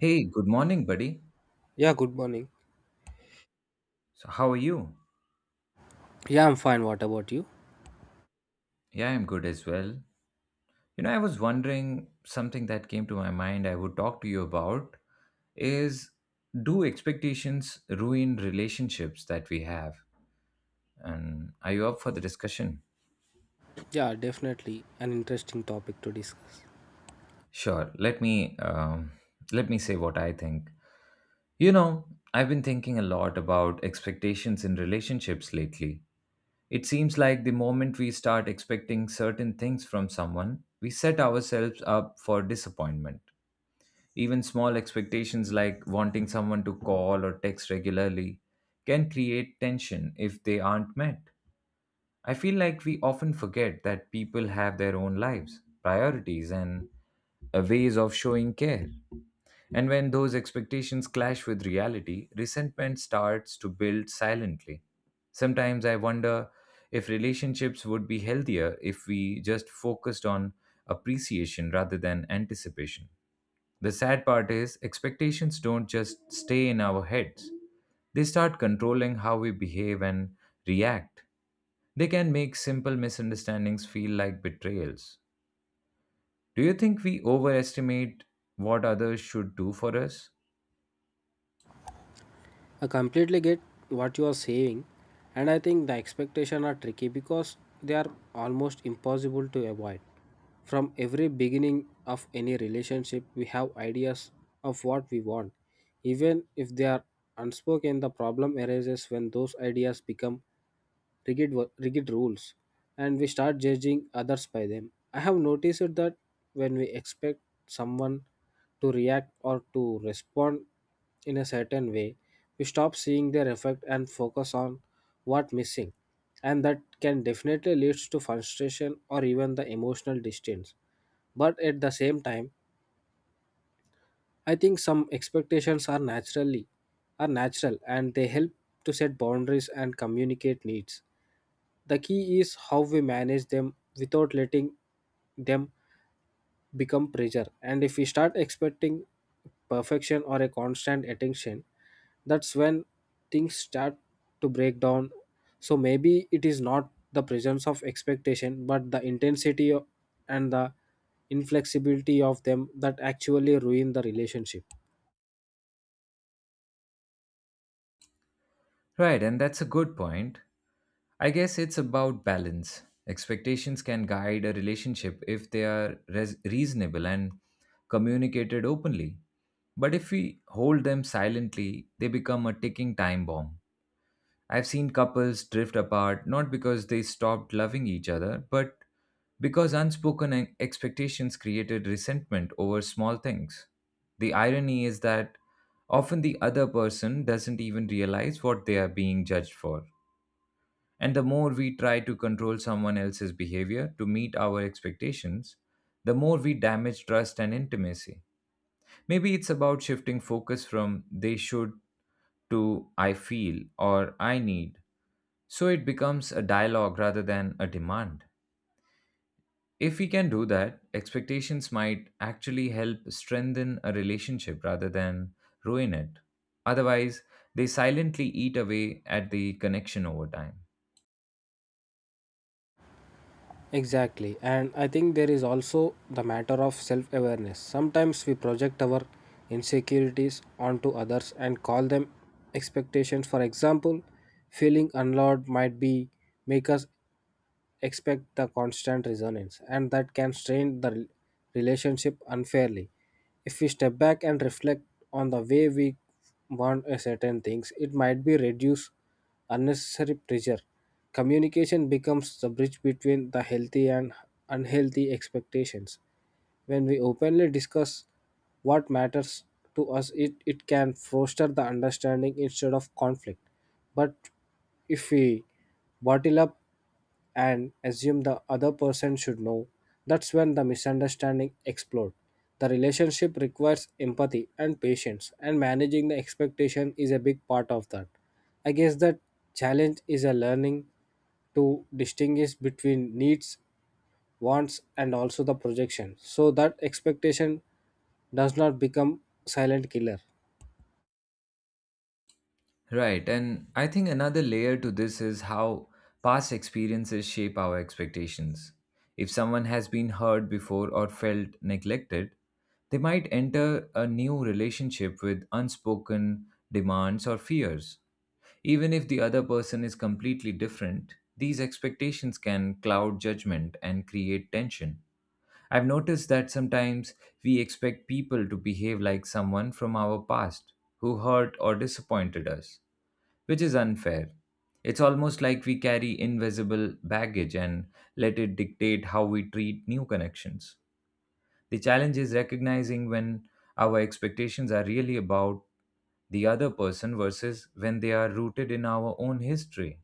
Hey, good morning, buddy. Yeah, good morning. So, how are you? Yeah, I'm fine. What about you? Yeah, I'm good as well. You know, I was wondering something that came to my mind I would talk to you about is do expectations ruin relationships that we have? And are you up for the discussion? Yeah, definitely an interesting topic to discuss. Sure. Let me say what I think. You know, I've been thinking a lot about expectations in relationships lately. It seems like the moment we start expecting certain things from someone, we set ourselves up for disappointment. Even small expectations like wanting someone to call or text regularly can create tension if they aren't met. I feel like we often forget that people have their own lives, priorities, and ways of showing care. And when those expectations clash with reality, resentment starts to build silently. Sometimes I wonder if relationships would be healthier if we just focused on appreciation rather than anticipation. The sad part is, expectations don't just stay in our heads, they start controlling how we behave and react. They can make simple misunderstandings feel like betrayals. Do you think we overestimate what others should do for us? I completely get what you are saying, and I think the expectations are tricky because they are almost impossible to avoid. From every beginning of any relationship, we have ideas of what we want. Even if they are unspoken, the problem arises when those ideas become rigid rules, and we start judging others by them. I have noticed that when we expect someone to react or to respond in a certain way, we stop seeing their effect and focus on what missing, and that can definitely leads to frustration or even the emotional distance. But at the same time, I think some expectations are natural and they help to set boundaries and communicate needs. The key is how we manage them without letting them become pressure. And if we start expecting perfection or a constant attention, that's when things start to break down. So maybe it is not the presence of expectation, but the and the inflexibility of them that actually ruin the relationship. Right, and that's a good point. I guess it's about balance. Expectations can guide a relationship if they are reasonable and communicated openly. But if we hold them silently, they become a ticking time bomb. I've seen couples drift apart not because they stopped loving each other, but because unspoken expectations created resentment over small things. The irony is that often the other person doesn't even realize what they are being judged for. And the more we try to control someone else's behavior to meet our expectations, the more we damage trust and intimacy. Maybe it's about shifting focus from they should to I feel or I need so it becomes a dialogue rather than a demand. If we can do that, expectations might actually help strengthen a relationship rather than ruin it. Otherwise, they silently eat away at the connection over time. Exactly. And I think there is also the matter of self awareness. Sometimes we project our insecurities onto others and call them expectations. For example, feeling unloved might be make us expect the constant resonance, and that can strain the relationship unfairly. If we step back and reflect on the way we want a certain things, it might be reduce unnecessary pressure. Communication becomes the bridge between the healthy and unhealthy expectations. When we openly discuss what matters to us, it can foster the understanding instead of conflict. But if we bottle up and assume the other person should know. That's when the misunderstanding explodes. The relationship requires empathy and patience, and managing the expectation is a big part of that. I guess that challenge is a learning to distinguish between needs, wants, and also the projection, so that expectation does not become silent killer. Right. And I think another layer to this is how past experiences shape our expectations. If someone has been hurt before or felt neglected, they might enter a new relationship with unspoken demands or fears. Even if the other person is completely different, these expectations can cloud judgment and create tension. I've noticed that sometimes we expect people to behave like someone from our past who hurt or disappointed us, which is unfair. It's almost like we carry invisible baggage and let it dictate how we treat new connections. The challenge is recognizing when our expectations are really about the other person versus when they are rooted in our own history.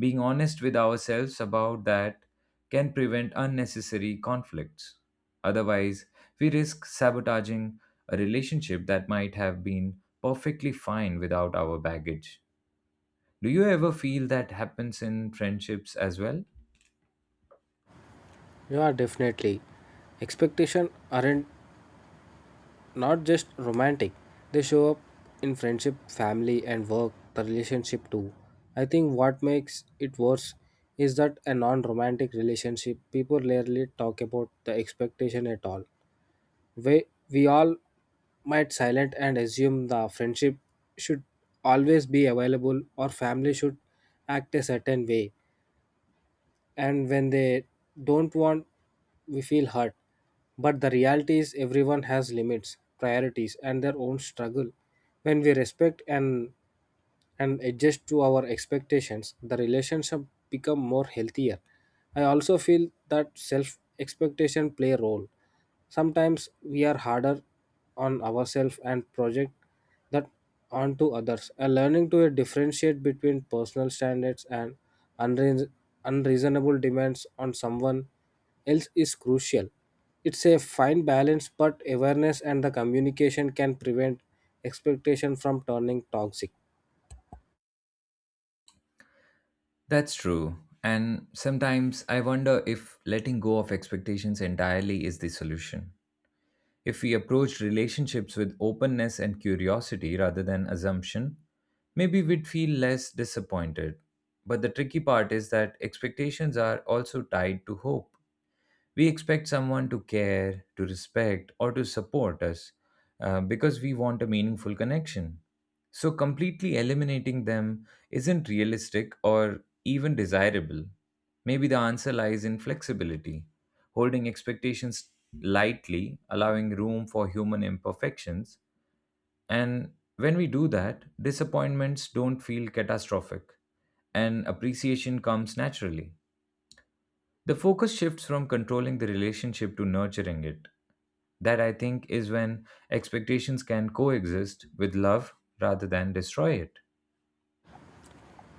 Being honest with ourselves about that can prevent unnecessary conflicts. Otherwise, we risk sabotaging a relationship that might have been perfectly fine without our baggage. Do you ever feel that happens in friendships as well? Yeah, definitely. Expectation aren't not just romantic, they show up in friendship, family, and work the relationship too. I think what makes it worse is that a non-romantic relationship people rarely talk about the expectation at all. We, we all might silent and assume the friendship should always be available, or family should act a certain way, and when they don't want, we feel hurt. But the reality is everyone has limits, priorities, and their own struggle. When we respect and adjust to our expectations, the relationship become more healthier. I also feel that self expectation play a role. Sometimes we are harder on ourselves and project that onto others. And learning to differentiate between personal standards and unreas- unreasonable demands on someone else is crucial. It's a fine balance, but awareness and the communication can prevent expectation from turning toxic. That's true. And sometimes I wonder if letting go of expectations entirely is the solution. If we approach relationships with openness and curiosity rather than assumption, maybe we'd feel less disappointed. But the tricky part is that expectations are also tied to hope. We expect someone to care, to respect, or to support us because we want a meaningful connection. So, completely eliminating them isn't realistic or even desirable. Maybe the answer lies in flexibility, holding expectations lightly, allowing room for human imperfections. And when we do that, disappointments don't feel catastrophic and appreciation comes naturally. The focus shifts from controlling the relationship to nurturing it. That, I think, is when expectations can coexist with love rather than destroy it.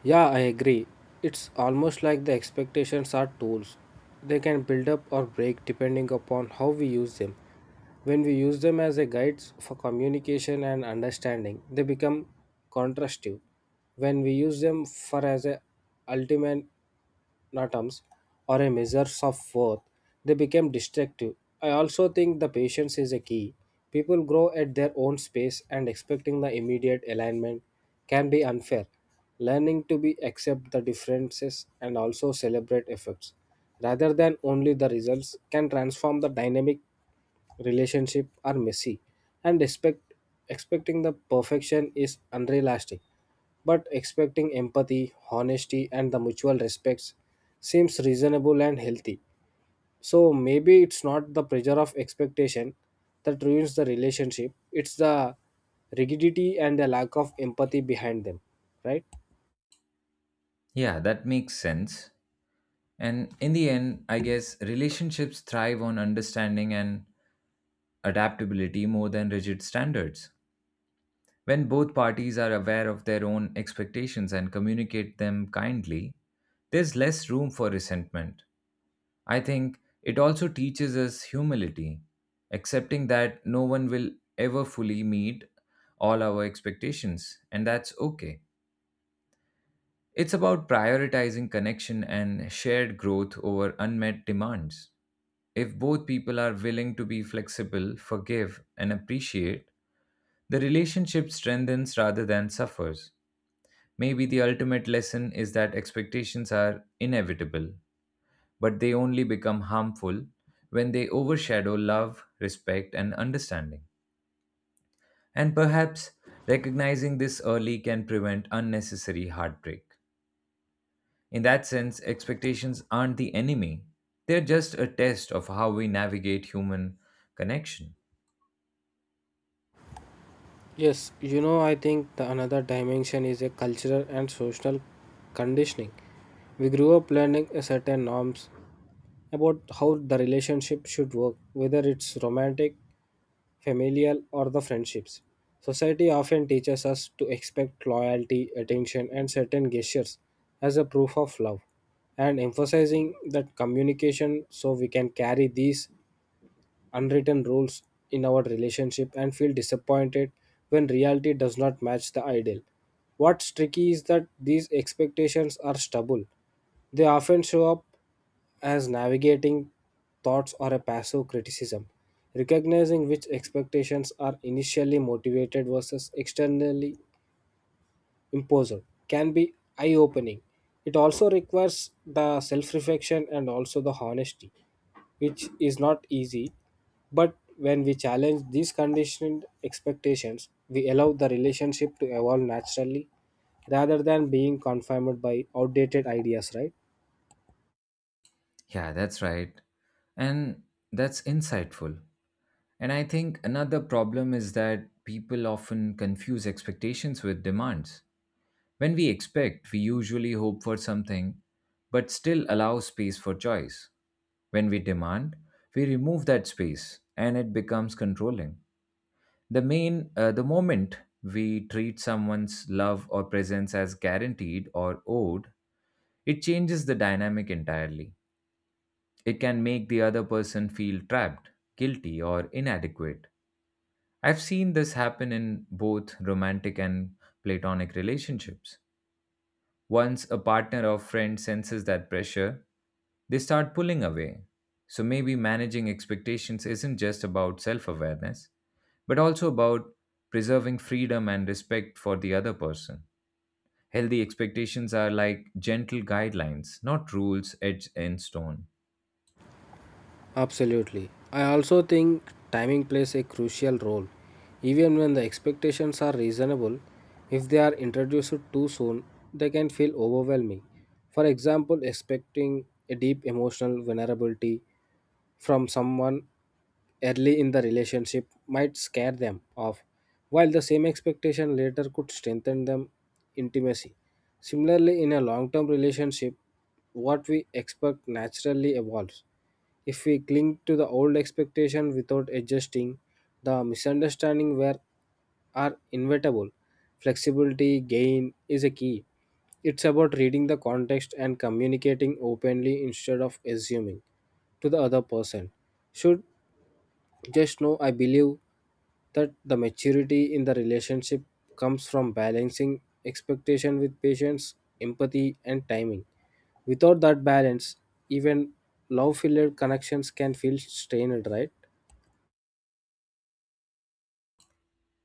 Yeah, I agree. It's almost like the expectations are tools. They can build up or break depending upon how we use them. When we use them as a guides for communication and understanding, they become contrastive. When we use them for as a ultimate atoms or a measures of worth, they become destructive. I also think the patience is a key. People grow at their own pace, and expecting the immediate alignment can be unfair. Learning to be accept the differences and also celebrate efforts rather than only the results can transform the dynamic. Relationship are messy, and expecting the perfection is unrealistic, but expecting empathy, honesty, and the mutual respects seems reasonable and healthy. So maybe it's not the pressure of expectation that ruins the relationship, it's the rigidity and the lack of empathy behind them, right? Yeah, that makes sense. And in the end, I guess relationships thrive on understanding and adaptability more than rigid standards. When both parties are aware of their own expectations and communicate them kindly, there's less room for resentment. I think it also teaches us humility, accepting that no one will ever fully meet all our expectations, and that's okay. It's about prioritizing connection and shared growth over unmet demands. If both people are willing to be flexible, forgive, and appreciate, the relationship strengthens rather than suffers. Maybe the ultimate lesson is that expectations are inevitable but they only become harmful when they overshadow love, respect, and understanding. And perhaps recognizing this early can prevent unnecessary heartbreak. In that sense, expectations aren't the enemy, they're just a test of how we navigate human connection. Yes, you know, I think the another dimension is a cultural and social conditioning. We grew up learning a certain norms about how the relationship should work, whether it's romantic, familial, or the friendships. Society often teaches us to expect loyalty, attention, and certain gestures as a proof of love, and emphasizing that communication so we can carry these unwritten rules in our relationship and feel disappointed when reality does not match the ideal. What's tricky is that these expectations are stubble. They often show up as navigating thoughts or a passive criticism. Recognizing which expectations are initially motivated versus externally imposed can be eye opening. It also requires the self reflection and also the honesty, which is not easy, but when we challenge these conditioned expectations, we allow the relationship to evolve naturally rather than being confined by outdated ideas, right? Yeah, that's right. And that's insightful. And I think another problem is that people often confuse expectations with demands. When we expect, we usually hope for something, but still allow space for choice. When we demand, we remove that space and it becomes controlling. The moment we treat someone's love or presence as guaranteed or owed, it changes the dynamic entirely. It can make the other person feel trapped, guilty, or inadequate. I've seen this happen in both romantic and platonic relationships. Once a partner or friend senses that pressure, they start pulling away. So maybe managing expectations isn't just about self awareness, but also about preserving freedom and respect for the other person. Healthy expectations are like gentle guidelines, not rules etched in stone. Absolutely. I also think timing plays a crucial role. Even when the expectations are reasonable, if they are introduced too soon, they can feel overwhelming. For example, expecting a deep emotional vulnerability from someone early in the relationship might scare them off, while the same expectation later could strengthen them intimacy. Similarly, in a long term relationship, what we expect naturally evolves. If we cling to the old expectation without adjusting, the misunderstanding where are inevitable. Flexibility gain is a key. It's about reading the context and communicating openly instead of assuming to the other person. Should just know. I believe that the maturity in the relationship comes from balancing expectation with patience, empathy, and timing. Without that balance, even love filled connections can feel strained, right?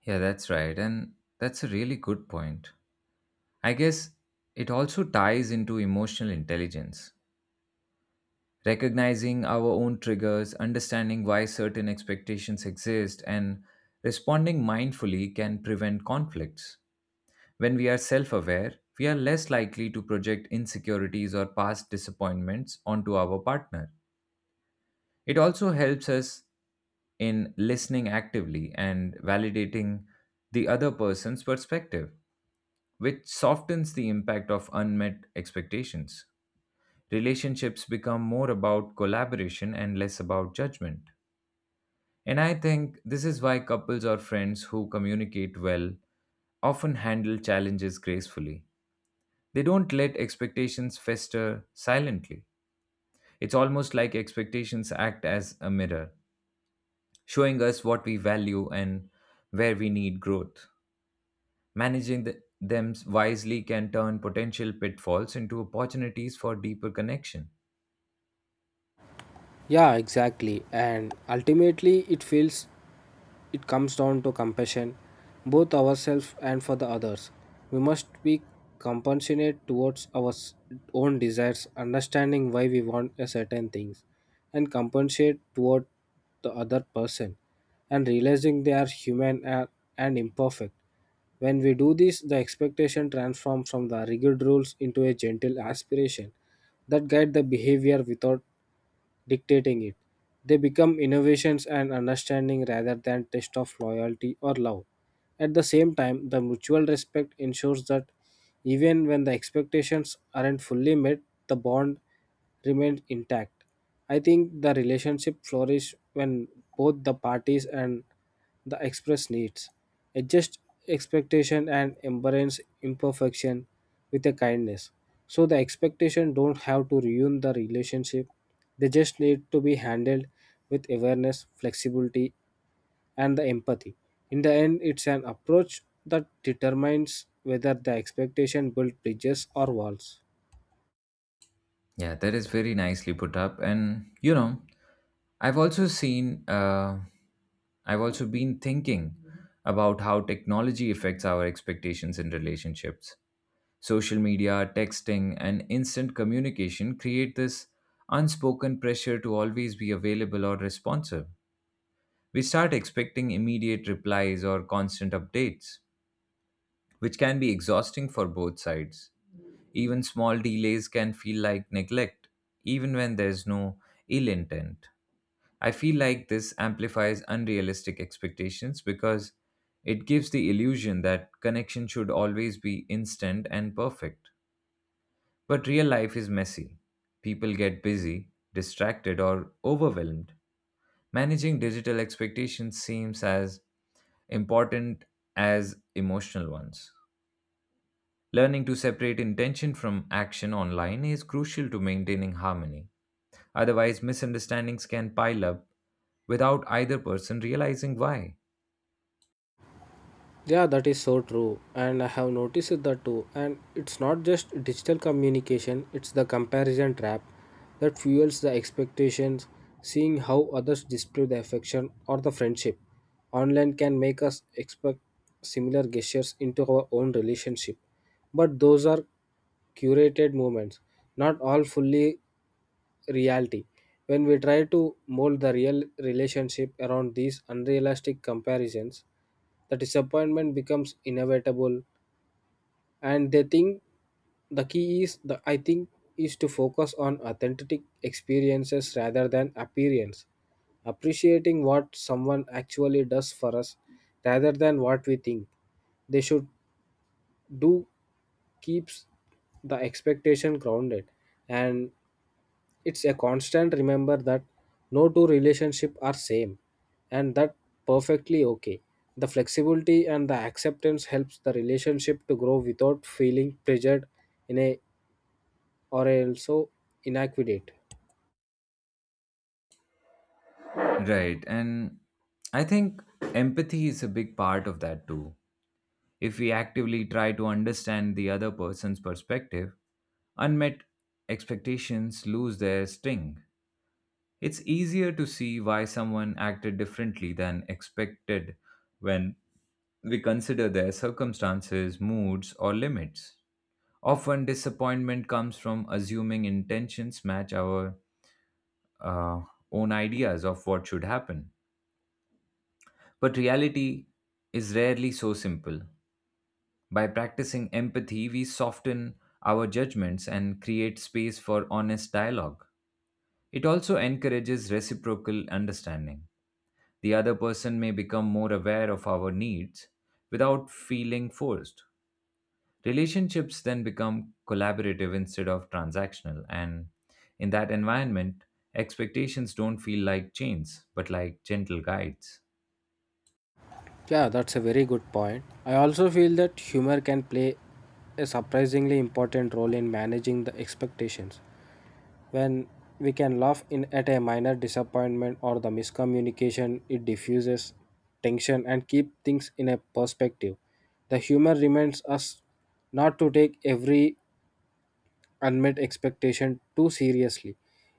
Yeah, that's right. And that's a really good point. I guess it also ties into emotional intelligence. Recognizing our own triggers, understanding why certain expectations exist, and responding mindfully can prevent conflicts. When we are self aware, we are less likely to project insecurities or past disappointments onto our partner. It also helps us in listening actively and validating the other person's perspective, which softens the impact of unmet expectations. Relationships become more about collaboration and less about judgment. And I think this is why couples or friends who communicate well often handle challenges gracefully. They don't let expectations fester silently. It's almost like expectations act as a mirror, showing us what we value and where we need growth. Managing them wisely can turn potential pitfalls into opportunities for deeper connection. Yeah, exactly. And ultimately, it comes down to compassion, both ourselves and for the others. We must be compassionate towards our own desires, understanding why we want a certain things, and compensate toward the other person, and realizing they are human and imperfect. When we do this, the expectation transforms from the rigid rules into a gentle aspiration that guide the behavior without dictating it. They become innovations and understanding rather than test of loyalty or love. At the same time, the mutual respect ensures that even when the expectations aren't fully met, the bond remains intact. I think the relationship flourishes when both the parties and the express needs. Adjust expectation and embrace imperfection with a kindness. So the expectation don't have to ruin the relationship. They just need to be handled with awareness, flexibility, and the empathy. In the end, it's an approach that determines whether the expectation builds bridges or walls. Yeah, that is very nicely put up. And, you know, I've also seen, uh, I've also been thinking about how technology affects our expectations in relationships. Social media, texting, and instant communication create this unspoken pressure to always be available or responsive. We start expecting immediate replies or constant updates, which can be exhausting for both sides. Even small delays can feel like neglect, even when there's no ill intent. I feel like this amplifies unrealistic expectations because it gives the illusion that connection should always be instant and perfect. But real life is messy. People get busy, distracted, or overwhelmed. Managing digital expectations seems as important as emotional ones. Learning to separate intention from action online is crucial to maintaining harmony. Otherwise, misunderstandings can pile up without either person realizing why. Yeah, that is so true, and I have noticed it that too. And it's not just digital communication, it's the comparison trap that fuels the expectations, seeing how others display the affection or the friendship. Online can make us expect similar gestures into our own relationship, but those are curated moments, not all fully reality. When we try to mold the real relationship around these unrealistic comparisons, the disappointment becomes inevitable. And they think the key is the I think is to focus on authentic experiences rather than appearance. Appreciating what someone actually does for us rather than what we think they should do keeps the expectation grounded, and it's a constant remember that no two relationships are same, and that perfectly okay. The flexibility and the acceptance helps the relationship to grow without feeling pressured in a or also inadequate. Right. And I think empathy is a big part of that too. If we actively try to understand the other person's perspective, unmet expectations lose their sting. It's easier to see why someone acted differently than expected when we consider their circumstances, moods, or limits. Often, disappointment comes from assuming intentions match our uh, own ideas of what should happen. But reality is rarely so simple. By practicing empathy, we soften our judgments and create space for honest dialogue. It also encourages reciprocal understanding. The other person may become more aware of our needs without feeling forced. Relationships then become collaborative instead of transactional, and in that environment, expectations don't feel like chains but like gentle guides. Yeah, that's a very good point. I also feel that humor can play a surprisingly important role in managing the expectations. When we can laugh in at a minor disappointment or the miscommunication, it diffuses tension and keep things in a perspective. The humor reminds us not to take every unmet expectation too seriously.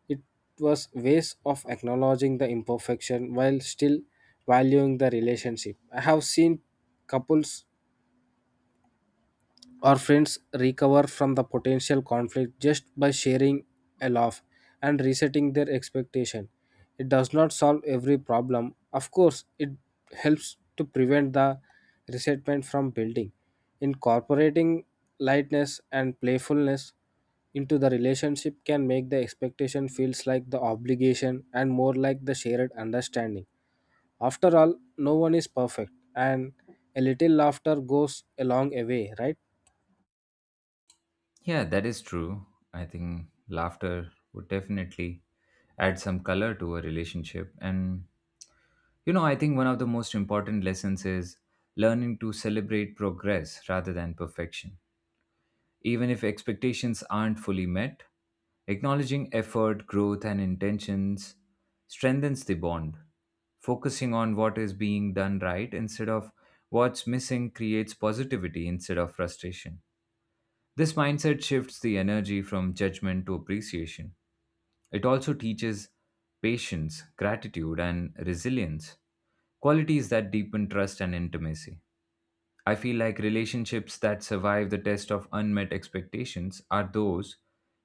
It was ways of acknowledging the imperfection while still valuing the relationship. I have seen couples our friends recover from the potential conflict just by sharing a laugh and resetting their expectation. It does not solve every problem. Of course, it helps to prevent the resentment from building. Incorporating lightness and playfulness into the relationship can make the expectation feels like the obligation and more like the shared understanding. After all, no one is perfect and a little laughter goes a long way, right? Yeah, that is true. I think laughter would definitely add some color to a relationship. And, you know, I think one of the most important lessons is learning to celebrate progress rather than perfection. Even if expectations aren't fully met, acknowledging effort, growth, and intentions strengthens the bond. Focusing on what is being done right instead of what's missing creates positivity instead of frustration. This mindset shifts the energy from judgment to appreciation. It also teaches patience, gratitude, and resilience, qualities that deepen trust and intimacy. I feel like relationships that survive the test of unmet expectations are those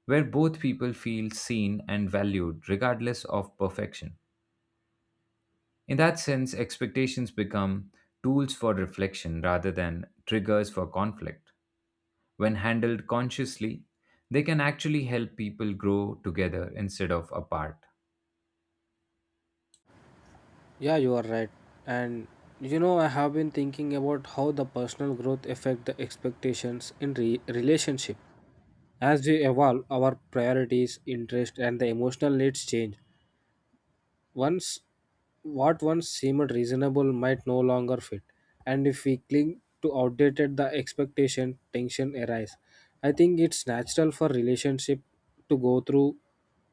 where both people feel seen and valued regardless of perfection. In that sense, expectations become tools for reflection rather than triggers for conflict. When handled consciously, they can actually help people grow together instead of apart. Yeah, you are right. And you know, I have been thinking about how the personal growth affect the expectations in relationship. As we evolve, our priorities, interest, and the emotional needs change. Once what once seemed reasonable might no longer fit, and if we cling to outdated the expectation, tension arise. I think it's natural for relationship to go through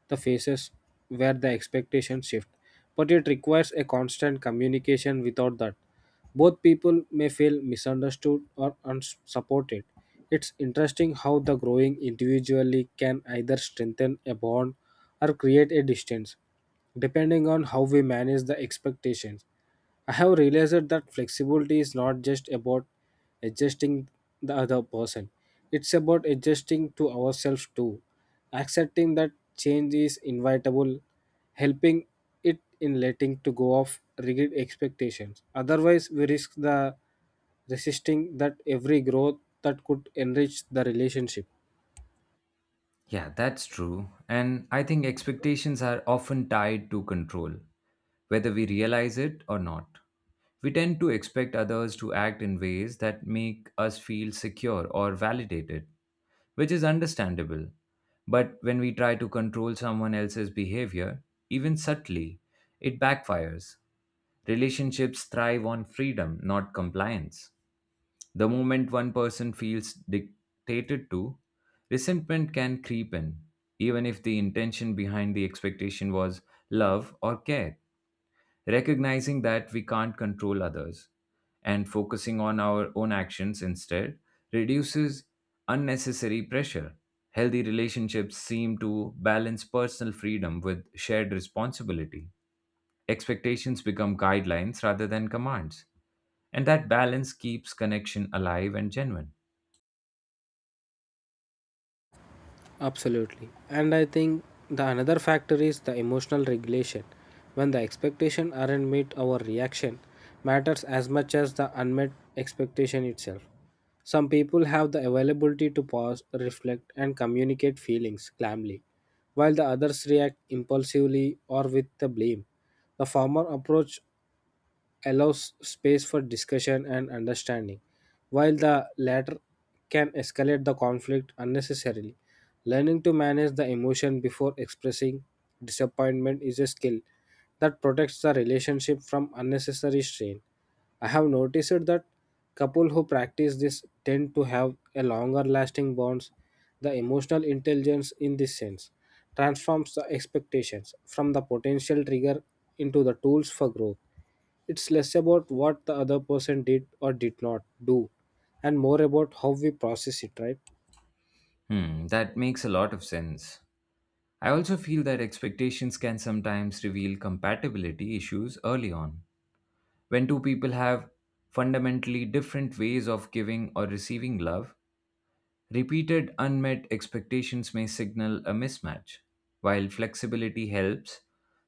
the phases where the expectations shift, but it requires a constant communication without that. Both people may feel misunderstood or unsupported. It's interesting how the growing individually can either strengthen a bond or create a distance depending on how we manage the expectations. I have realized that flexibility is not just about adjusting the other person, it's about adjusting to ourselves too. Accepting that change is inevitable, helping it in letting to go of rigid expectations. Otherwise, we risk the resisting that every growth that could enrich the relationship. Yeah, that's true. And I think expectations are often tied to control, whether we realize it or not. We tend to expect others to act in ways that make us feel secure or validated, which is understandable. But when we try to control someone else's behavior, even subtly, it backfires. Relationships thrive on freedom, not compliance. The moment one person feels dictated to, resentment can creep in, even if the intention behind the expectation was love or care. Recognizing that we can't control others and focusing on our own actions instead reduces unnecessary pressure. Healthy relationships seem to balance personal freedom with shared responsibility. Expectations become guidelines rather than commands, and that balance keeps connection alive and genuine. Absolutely. And I think the another factor is the emotional regulation. When the expectation aren't met, our reaction matters as much as the unmet expectation itself. Some people have the availability to pause, reflect, and communicate feelings calmly, while the others react impulsively or with the blame. The former approach allows space for discussion and understanding, while the latter can escalate the conflict unnecessarily. Learning to manage the emotion before expressing disappointment is a skill that protects the relationship from unnecessary strain. I have noticed that couples who practice this tend to have a longer lasting bonds. The emotional intelligence in this sense transforms the expectations from the potential trigger into the tools for growth. It's less about what the other person did or did not do and more about how we process it, right? Hmm, that makes a lot of sense. I also feel that expectations can sometimes reveal compatibility issues early on. When two people have fundamentally different ways of giving or receiving love, repeated unmet expectations may signal a mismatch. While flexibility helps,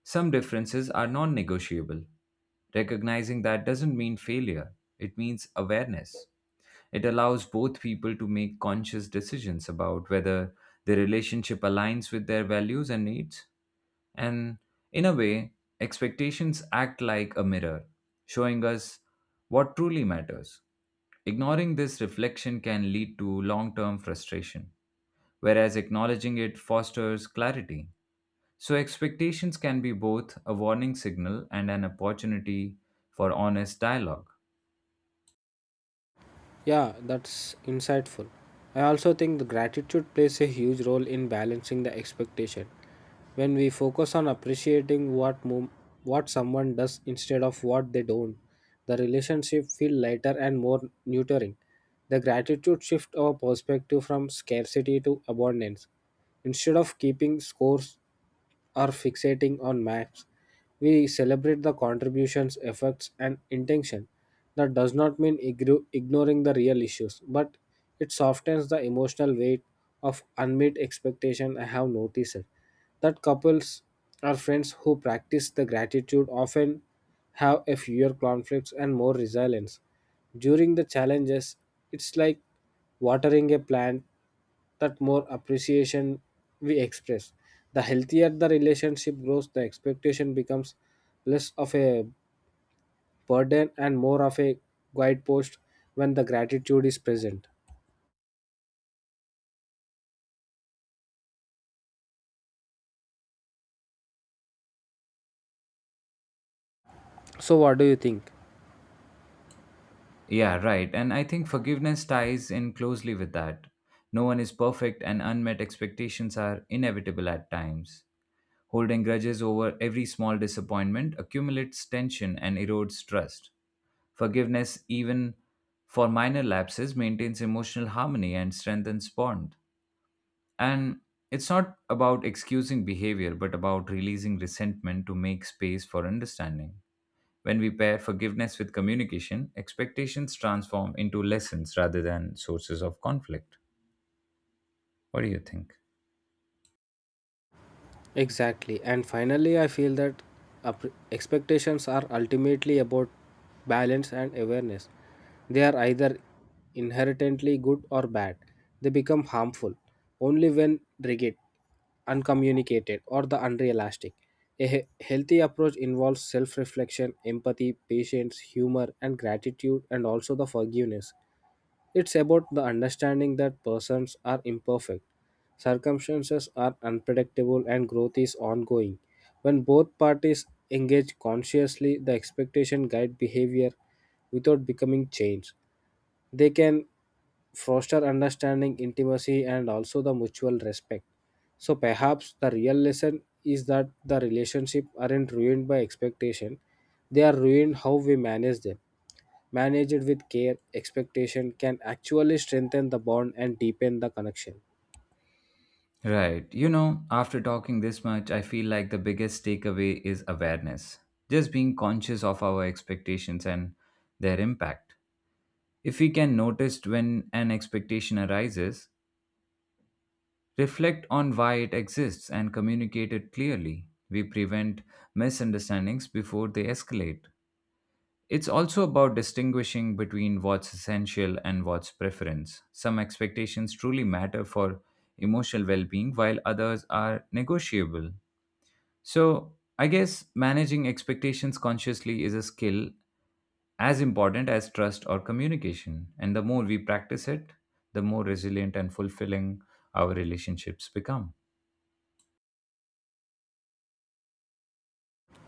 some differences are non negotiable. Recognizing that doesn't mean failure, it means awareness. It allows both people to make conscious decisions about whether the relationship aligns with their values and needs. And in a way, expectations act like a mirror, showing us what truly matters. Ignoring this reflection can lead to long term frustration, whereas acknowledging it fosters clarity. So, expectations can be both a warning signal and an opportunity for honest dialogue. Yeah, that's insightful. I also think the gratitude plays a huge role in balancing the expectation. When we focus on appreciating what someone does instead of what they don't, the relationship feel lighter and more nurturing. The gratitude shift our perspective from scarcity to abundance. Instead of keeping scores or fixating on maps. We celebrate the contributions, effects, and intention. That does not mean ignoring the real issues, but it softens the emotional weight of unmet expectation. I have noticed that couples or friends who practice the gratitude often have a fewer conflicts and more resilience. During the challenges, it's like watering a plant that more appreciation we express. The healthier the relationship grows, the expectation becomes less of a burden and more of a guidepost when the gratitude is present. So, what do you think? Yeah, right. And I think forgiveness ties in closely with that. No one is perfect, and unmet expectations are inevitable at times. Holding grudges over every small disappointment accumulates tension and erodes trust. Forgiveness, even for minor lapses, maintains emotional harmony and strengthens bond. And it's not about excusing behavior, but about releasing resentment to make space for understanding. When we pair forgiveness with communication, expectations transform into lessons rather than sources of conflict. What do you think? Exactly. And finally, I feel that expectations are ultimately about balance and awareness. They are either inherently good or bad. They become harmful only when rigid, uncommunicated, or the unrealistic. A healthy approach involves self reflection, empathy, patience, humor, and gratitude, and also the forgiveness. It's about the understanding that persons are imperfect, circumstances are unpredictable, and growth is ongoing. When both parties engage consciously, the expectation guide behavior without becoming chains. They can foster understanding, intimacy, and also the mutual respect. So perhaps the real lesson is that the relationship aren't ruined by expectation; they are ruined how we manage them managed with care, expectation can actually strengthen the bond and deepen the connection. Right. You know, after talking this much, I feel like the biggest takeaway is awareness. Just being conscious of our expectations and their impact. If we can notice when an expectation arises, reflect on why it exists and communicate it clearly, we prevent misunderstandings before they escalate. It's also about distinguishing between what's essential and what's preference. Some expectations truly matter for emotional well being, while others are negotiable. So, I guess managing expectations consciously is a skill as important as trust or communication. And the more we practice it, the more resilient and fulfilling our relationships become.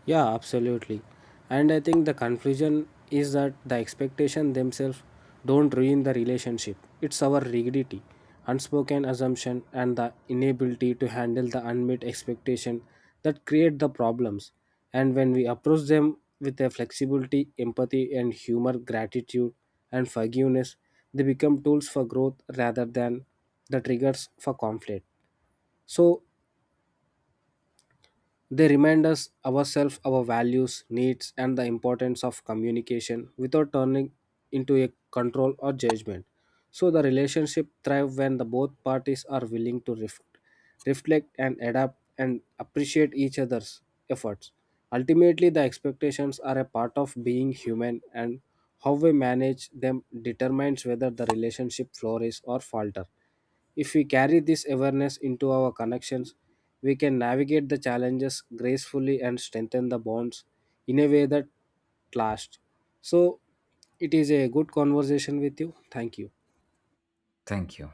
Yeah, absolutely. And I think the confusion is that the expectation themselves don't ruin the relationship. It's our rigidity, unspoken assumption, and the inability to handle the unmet expectation that create the problems. And when we approach them with a flexibility, empathy, and humor, gratitude, and forgiveness, they become tools for growth rather than the triggers for conflict. So they remind us ourselves, our values, needs, and the importance of communication without turning into a control or judgment. So the relationship thrive when the both parties are willing to reflect and adapt and appreciate each other's efforts. Ultimately, the expectations are a part of being human, and how we manage them determines whether the relationship flourishes or falter. If we carry this awareness into our connections, we can navigate the challenges gracefully and strengthen the bonds in a way that lasts. So, it is a good conversation with you. Thank you. Thank you.